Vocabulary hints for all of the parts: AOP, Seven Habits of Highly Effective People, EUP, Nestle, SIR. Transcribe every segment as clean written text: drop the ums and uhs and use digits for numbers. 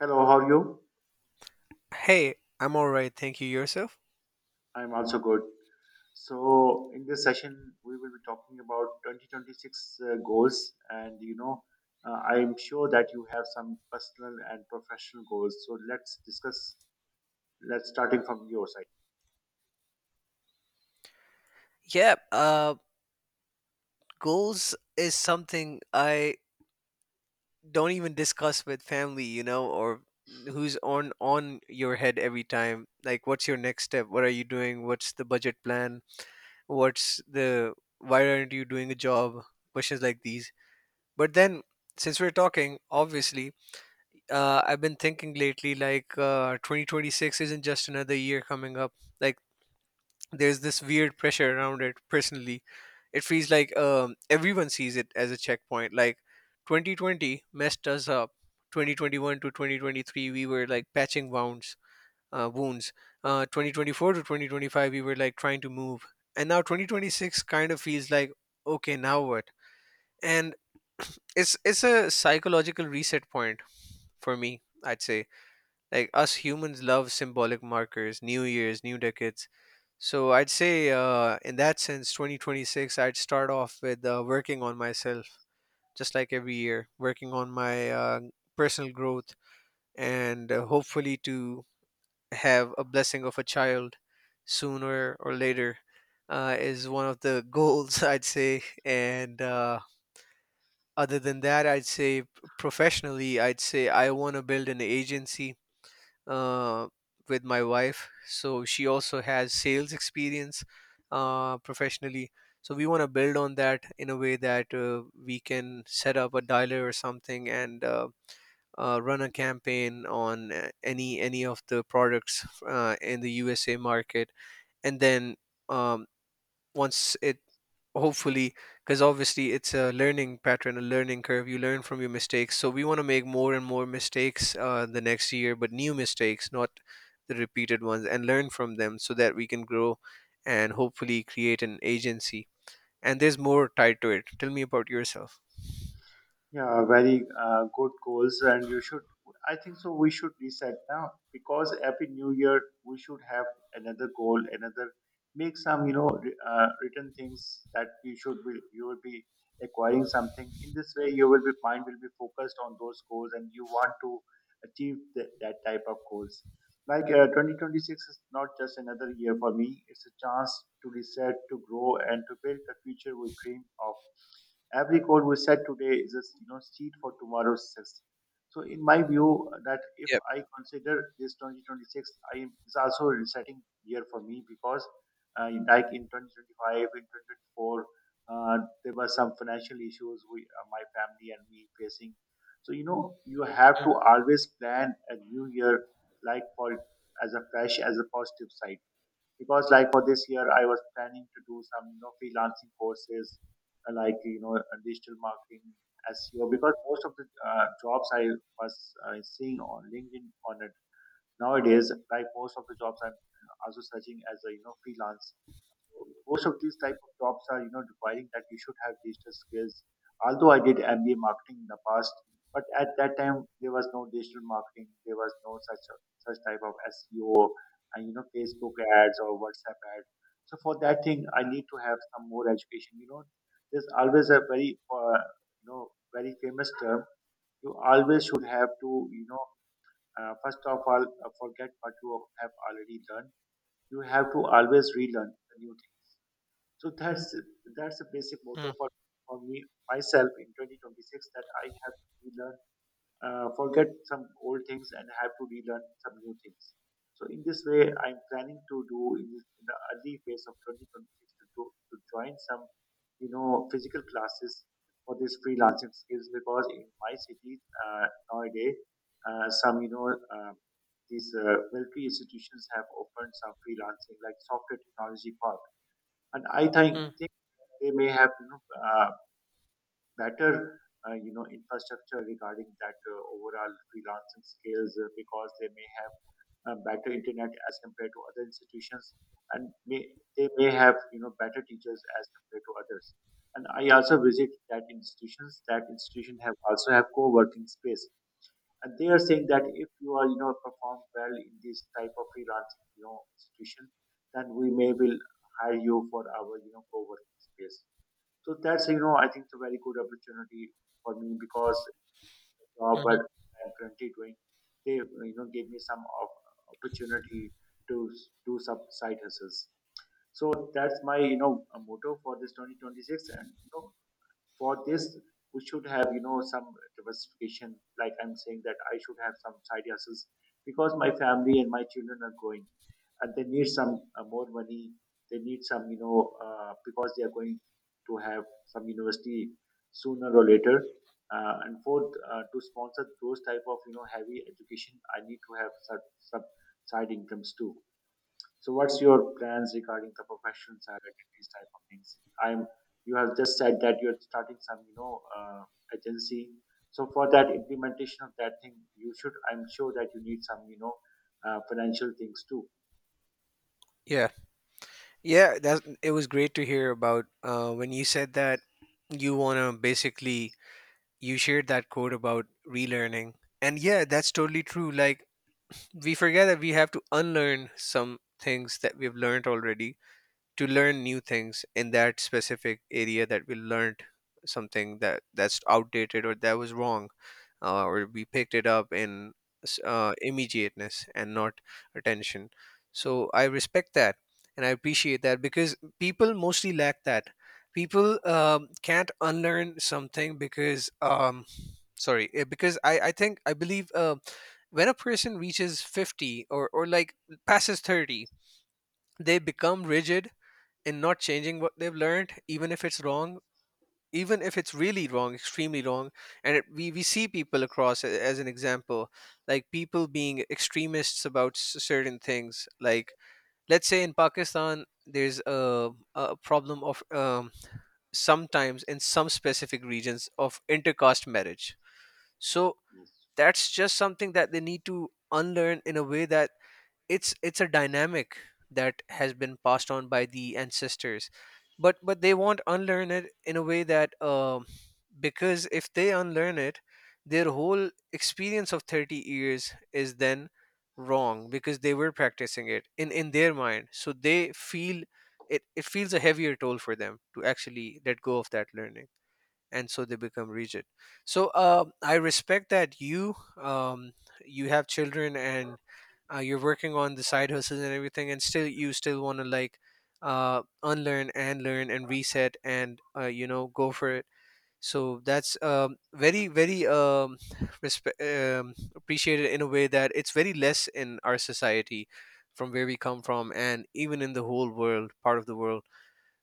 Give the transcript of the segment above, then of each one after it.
Hello, how are you? Hey, I'm alright. Thank you. Yourself? I'm also good. So, in this session, we will be talking about 2026 goals, and I'm sure that you have some personal and professional goals. So, let's discuss. Let's starting from your side. Yeah, goals is something I don't even discuss with family, or who's on your head every time. Like, what's your next step? What are you doing? What's the budget plan? What's the Why aren't you doing a job? Questions like these. But then, since we're talking, obviously, I've been thinking lately like 2026 isn't just another year coming up. Like there's this weird pressure around it personally, it feels like everyone sees it as a checkpoint. Like 2020 messed us up, 2021 to 2023 we were like patching wounds, uh, wounds 2024 to 2025 we were like trying to move, and now 2026 kind of feels like, okay, now what? And it's a psychological reset point, for me, I'd say. Like us humans love symbolic markers, new years, new decades. So I'd say, in that sense, 2026, I'd start off with working on myself, just like every year, working on my personal growth, and hopefully to have a blessing of a child sooner or later is one of the goals, I'd say. And other than that, I'd say professionally, I'd say I want to build an agency, uh, with my wife. So she also has sales experience, professionally. So we want to build on that in a way that we can set up a dialer or something, and run a campaign on any of the products in the USA market, and then. Um, Once it, hopefully, because obviously it's a learning curve, you learn from your mistakes, so we want to make more and more mistakes the next year, but new mistakes, not the repeated ones, and learn from them so that we can grow and hopefully create an agency. And there's more tied to it. Tell me about yourself. Yeah, very good goals, and you should. I think so. We should reset now because every new year we should have another goal, another make some written things that you should be you will be acquiring something. In this way, you will be mind will be focused on those goals, and you want to achieve that type of goals. Like 2026 is not just another year for me; it's a chance to reset, to grow, and to build the future we dream of. Every code we set today is a seed for tomorrow's success. So in my view, that if Yep. I consider this 2026, I am is also a resetting year for me because like in 2025, in 2024, uh, there were some financial issues we, my family and me facing. So you know you have Mm. to always plan a new year like for as a fresh as a positive side because like for this year I was planning to do some freelancing courses, like digital marketing, SEO because most of the jobs I was seeing on LinkedIn on it nowadays. Like most of the jobs I'm also searching as a freelance, most of these type of jobs are requiring that you should have digital skills. Although I did MBA marketing in the past, but at that time there was no digital marketing, there was no such such type of SEO and you know Facebook ads or WhatsApp ads. So for that thing I need to have some more education. You know, there's always a very you know very famous term. You always should have to first of all forget what you have already learned. You have to always relearn the new thing. So that's a basic motto Mm. For me myself in 2026, that I have to learn, forget some old things and have to relearn some new things. So in this way, I'm planning to do in, this, in the early phase of 2026 to do, to join some physical classes for this freelancing skills because in my city nowadays some um, these military institutions have opened some freelancing like software technology park, and I think Mm. they may have better infrastructure regarding that overall freelancing skills, because they may have better internet as compared to other institutions, and may, they may have better teachers as compared to others. And I also visit that institutions, that institution have also have co-working space, and they are saying that if you are perform well in this type of freelancing institution, then we may will hire you for our co-working space. So that's I think it's a very good opportunity for me because the job that Mhm. I'm currently doing, they gave me some of opportunity to do some side hustles. So that's my a motto for this 2026, and you know for this we should have some diversification. Like I'm saying that I should have some side hustles because my family and my children are growing, and they need some more money. They need some because they are going to have some university sooner or later, and fourth to sponsor those type of heavy education I need to have such some side incomes too. So what's your plans regarding the professional side, these type of things? I'm you have just said that you're starting some, agency. So for that implementation of that thing, you should I'm sure that you need some, financial things too. Yeah, yeah, that it was great to hear about when you said that you want to basically, you shared that quote about relearning, and yeah, that's totally true. Like we forget that we have to unlearn some things that we've learned already to learn new things in that specific area that we learned, something that that's outdated or that was wrong, or we picked it up in immediateness and not attention. So I respect that, and I appreciate that, because people mostly lack that. People can't unlearn something because, sorry, because I think, I believe when a person reaches 50, or like passes 30, they become rigid in not changing what they've learned, even if it's wrong, even if it's really wrong, extremely wrong. And it, we see people across as an example, like people being extremists about certain things. Like let's say in Pakistan, there's a problem of sometimes in some specific regions of intercaste marriage. So Yes. that's just something that they need to unlearn, in a way that it's a dynamic that has been passed on by the ancestors, but they won't unlearn it in a way that, um, because if they unlearn it, their whole experience of 30 years is then wrong, because they were practicing it in their mind, so they feel it feels a heavier toll for them to actually let go of that learning, and so they become rigid. So I respect that you, um, you have children and, you're working on the side hustles and everything, and still you still want to like unlearn and learn and reset and, go for it. So that's very very appreciated, in a way that it's very less in our society, from where we come from, and even in the whole world, part of the world.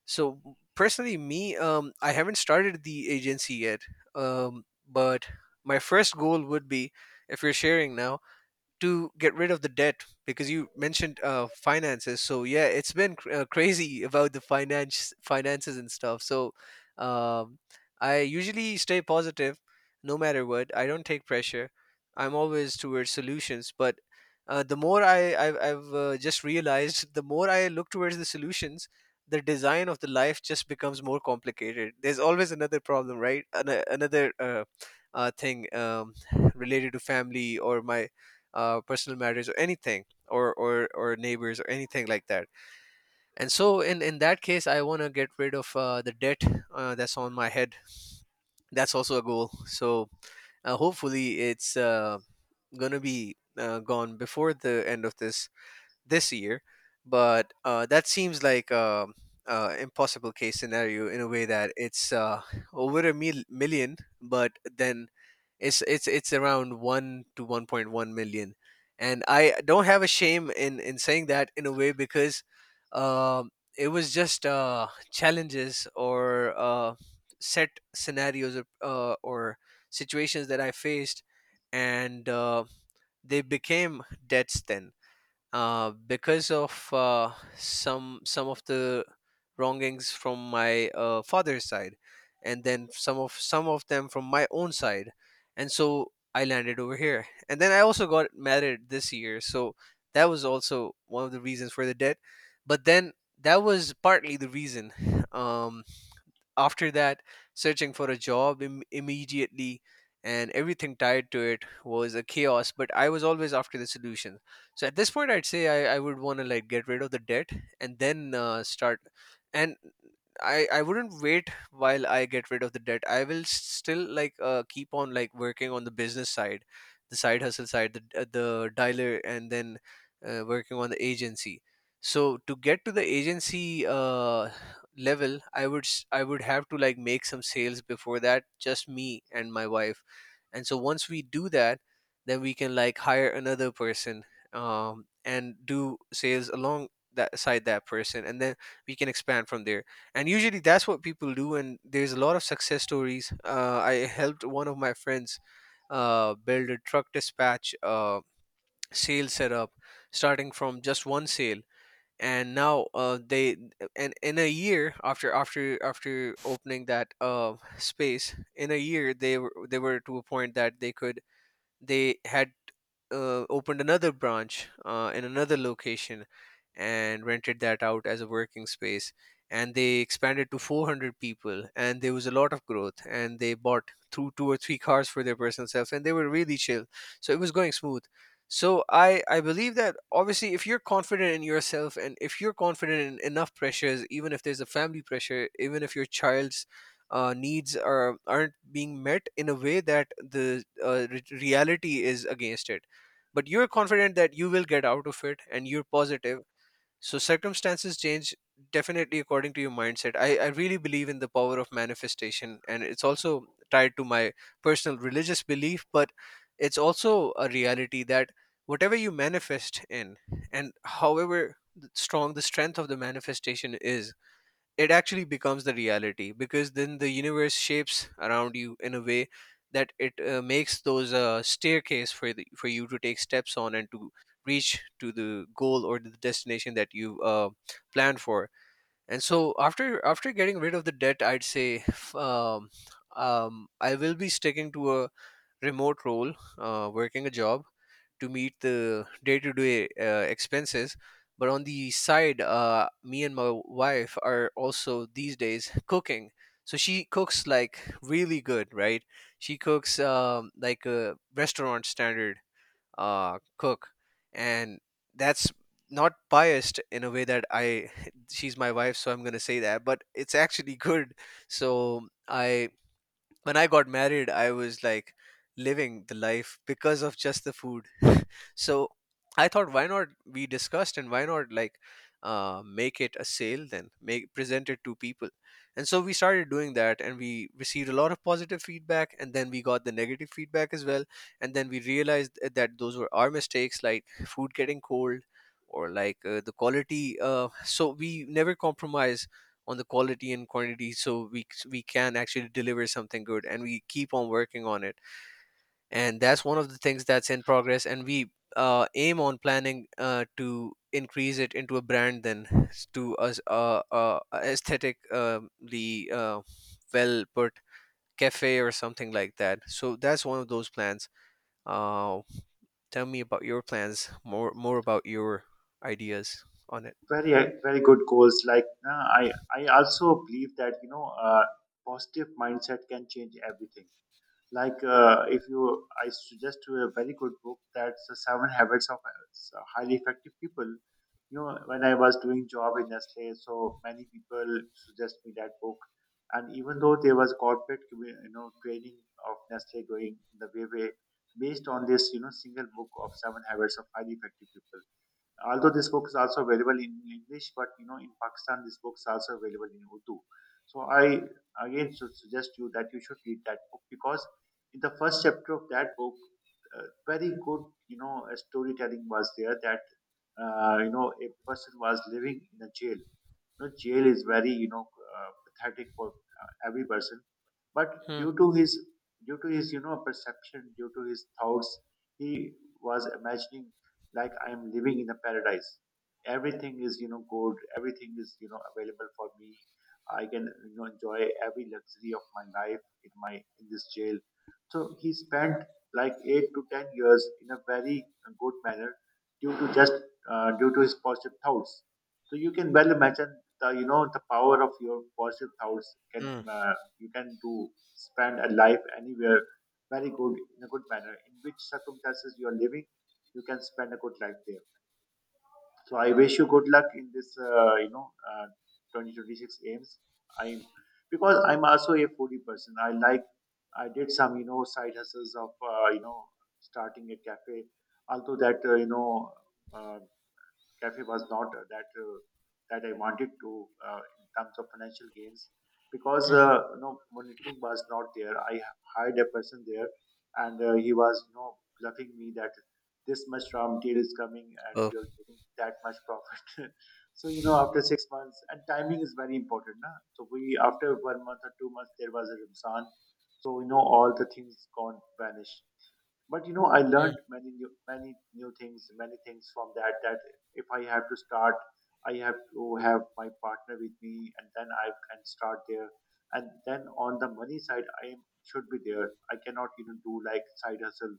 So personally, me, I haven't started the agency yet, but my first goal would be, if you're sharing now, to get rid of the debt, because you mentioned finances. So yeah, it's been crazy about the finances and stuff. So um, I usually stay positive, no matter what. I don't take pressure. I'm always towards solutions, but the more I've just realized, the more I look towards the solutions, the design of the life just becomes more complicated. There's always another problem, right? Another thing related to family, or my personal matters, or anything, or neighbors, or anything like that. And so in that case, I want to get rid of the debt that's on my head. That's also a goal. So hopefully it's gonna be gone before the end of this year. But that seems like a, impossible case scenario, in a way that it's million. But then it's around 1 to 1.1 million, and I don't have a shame in saying that, in a way, because um, it was just challenges, or set scenarios, or situations that I faced, and they became debts then, because of some of the wrongings from my father's side, and then some of them from my own side. And so I landed over here, and then I also got married this year, so that was also one of the reasons for the debt. But then, that was partly the reason. Um, After that, searching for a job immediately, and everything tied to it, was a chaos, but I was always after the solution. So at this point, I would want to like get rid of the debt, and then start. And I wouldn't wait while I get rid of the debt. I will still like keep on like working on the business side, the side hustle side, the dialer, and then working on the agency. So to get to the agency level, I would I would have to like make some sales before that, just me and my wife. And so once we do that, then we can like hire another person, and do sales along that side, that person, and then we can expand from there. And usually that's what people do, and there's a lot of success stories. I helped one of my friends build a truck dispatch sales setup, starting from just one sale. And now they and in a year, after opening that space, in a year, they were to a point that they could they had opened another branch in another location, and rented that out as a working space. And they expanded to 400 people, and there was a lot of growth, and they bought two or three cars for their personal selves, and they were really chill. So it was going smooth. So I believe that obviously, if you're confident in yourself, and if you're confident in enough pressures, even if there's a family pressure, even if your child's needs aren't being met, in a way that the reality is against it. But you're confident that you will get out of it, and you're positive. So circumstances change, definitely, according to your mindset. I really believe in the power of manifestation, and it's also tied to my personal religious belief, but it's also a reality that whatever you manifest in, and however strong the strength of the manifestation is, it actually becomes the reality, because then the universe shapes around you in a way that it makes those staircase for for you to take steps on, and to reach to the goal or the destination that you planned for. And so after getting rid of the debt, I'd say, I will be sticking to a remote role, working a job to meet the day-to-day expenses. But on the side, me and my wife are also these days cooking. So she cooks like really good, right? She cooks like a restaurant standard cook. And that's not biased, in a way that I she's my wife, so I'm going to say that, but it's actually good. So I, when I got married, I was like living the life because of just the food. So I thought, why not? We discussed, and why not like make it a sale then, make present it to people. And so we started doing that, and we received a lot of positive feedback, and then we got the negative feedback as well. And then we realized that those were our mistakes, like food getting cold, or like the quality. So we never compromise on the quality and quantity, so we can actually deliver something good, and we keep on working on it. And that's one of the things that's in progress, and we aim on planning to increase it into a brand, to us aesthetically well put cafe or something like that. So that's one of those plans. uh, Tell me about your plans, more about your ideas on it. Very very good goals. Like I also believe that positive mindset can change everything. Like if you, I suggest to a very good book, that's the Seven Habits of Highly Effective People. You know, when I was doing job in Nestle, so many people suggest me that book. And even though there was corporate, you know, training of Nestle going in the way based on this, you know, single book of Seven Habits of Highly Effective People, although this book is also available in English, but you know, in Pakistan, this book is also available in Urdu. So I again suggest you that you should read that book because in the first chapter of that book, very good, storytelling was there that you know a person was living in a jail. You know, jail is very uh, pathetic for every person, but Mm. due to his due to his perception, due to his thoughts, he was imagining like I am living in a paradise. Everything is good, everything is available for me. I can enjoy every luxury of my life in my in this jail. So he spent like 8 to 10 years in a very good manner due to just due to his positive thoughts. So you can well imagine the you know the power of your positive thoughts can Mm. You can do spend a life anywhere very good in a good manner. In which circumstances you are living, you can spend a good life there. So I wish you good luck in this uh, 2026 aims. I'm because I'm also a foodie person, I like I did some side hustles of you know starting a cafe, although that uh, cafe was not that that I wanted to in terms of financial gains because Mhm. You know monitoring was not there. I hired a person there, and he was you know bluffing me that this much raw material is coming and Oh. you're getting that much profit. So you know after 6 months, and timing is very important, na? So we after 1 month or 2 months there was a Ramzan, so you know all the things gone vanished. But you know I Mm. learned many new things many things from that, that if I have to start, I have to have my partner with me, and then I can start there. And then on the money side I am, should be there. I cannot even do like side hustle.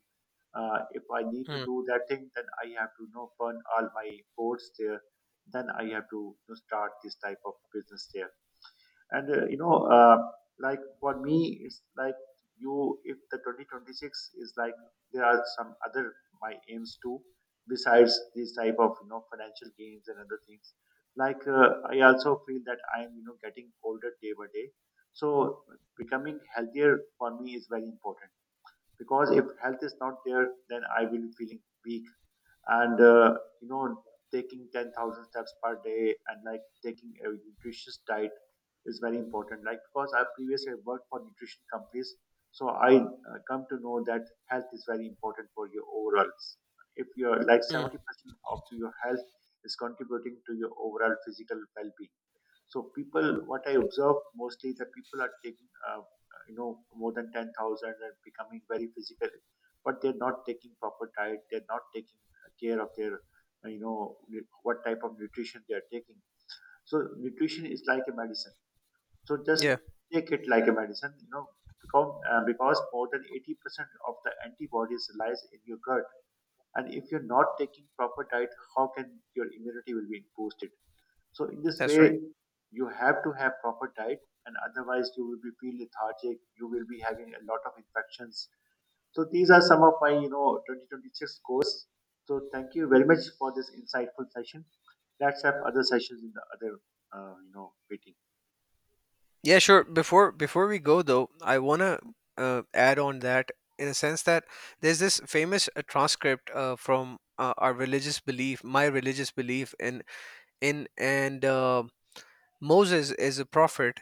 If I need to Mm. do that thing, then I have to you know burn all my boards there, then I have to you know start this type of business there. And like for me it's like you if the 2026 is like there are some other my aims too, besides these type of financial gains and other things. Like I also feel that I am you know getting older day by day. So becoming healthier for me is very important because if health is not there, then I will be feeling weak. And you know taking 10,000 steps per day and like taking a nutritious diet is very important, like because I previously worked for nutrition companies. So I come to know that health is very important for your overall. If you're like Mm. 70% of your health is contributing to your overall physical well-being. So people, what I observe mostly that people are taking, more than 10,000 and becoming very physical, but they're not taking proper diet. They're not taking care of their, what type of nutrition they are taking. So nutrition is like a medicine. So just Yeah, take it like a medicine, you know, because more than 80% of the antibodies lies in your gut. And if you're not taking proper diet, how can your immunity will be boosted? So in this that's right. way, you have to have proper diet, and otherwise you will be feel lethargic. You will be having a lot of infections. So these are some of my you know 2026 goals. So thank you very much for this insightful session. Let's have other sessions in the other meeting. Yeah, sure. Before we go though, I wanna add on that, in a sense that there's this famous transcript from our religious belief, my religious belief, in and Moses is a prophet,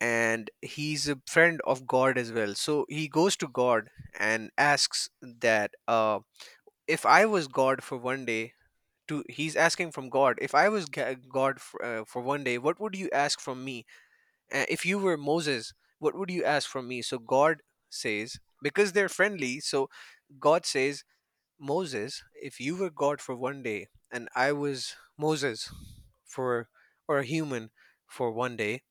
and he's a friend of God as well. So he goes to God and asks that if I was God for 1 day, to he's asking from God, if I was God for 1 day, what would you ask from me? If you were Moses, what would you ask from me? So God says, because they're friendly, so God says, Moses, if you were God for 1 day, and I was Moses for, or a human for 1 day,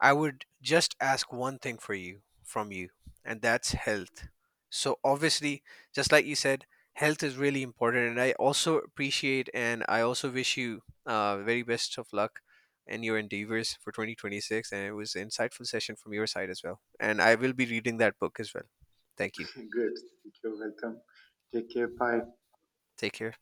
I would just ask one thing for you, from you, and that's health. So obviously, just like you said, health is really important, and I also appreciate, and I also wish you very best of luck in your endeavors for 2026. And it was an insightful session from your side as well. And I will be reading that book as well. Thank you. Good. You're welcome. Take care. Bye. Take care.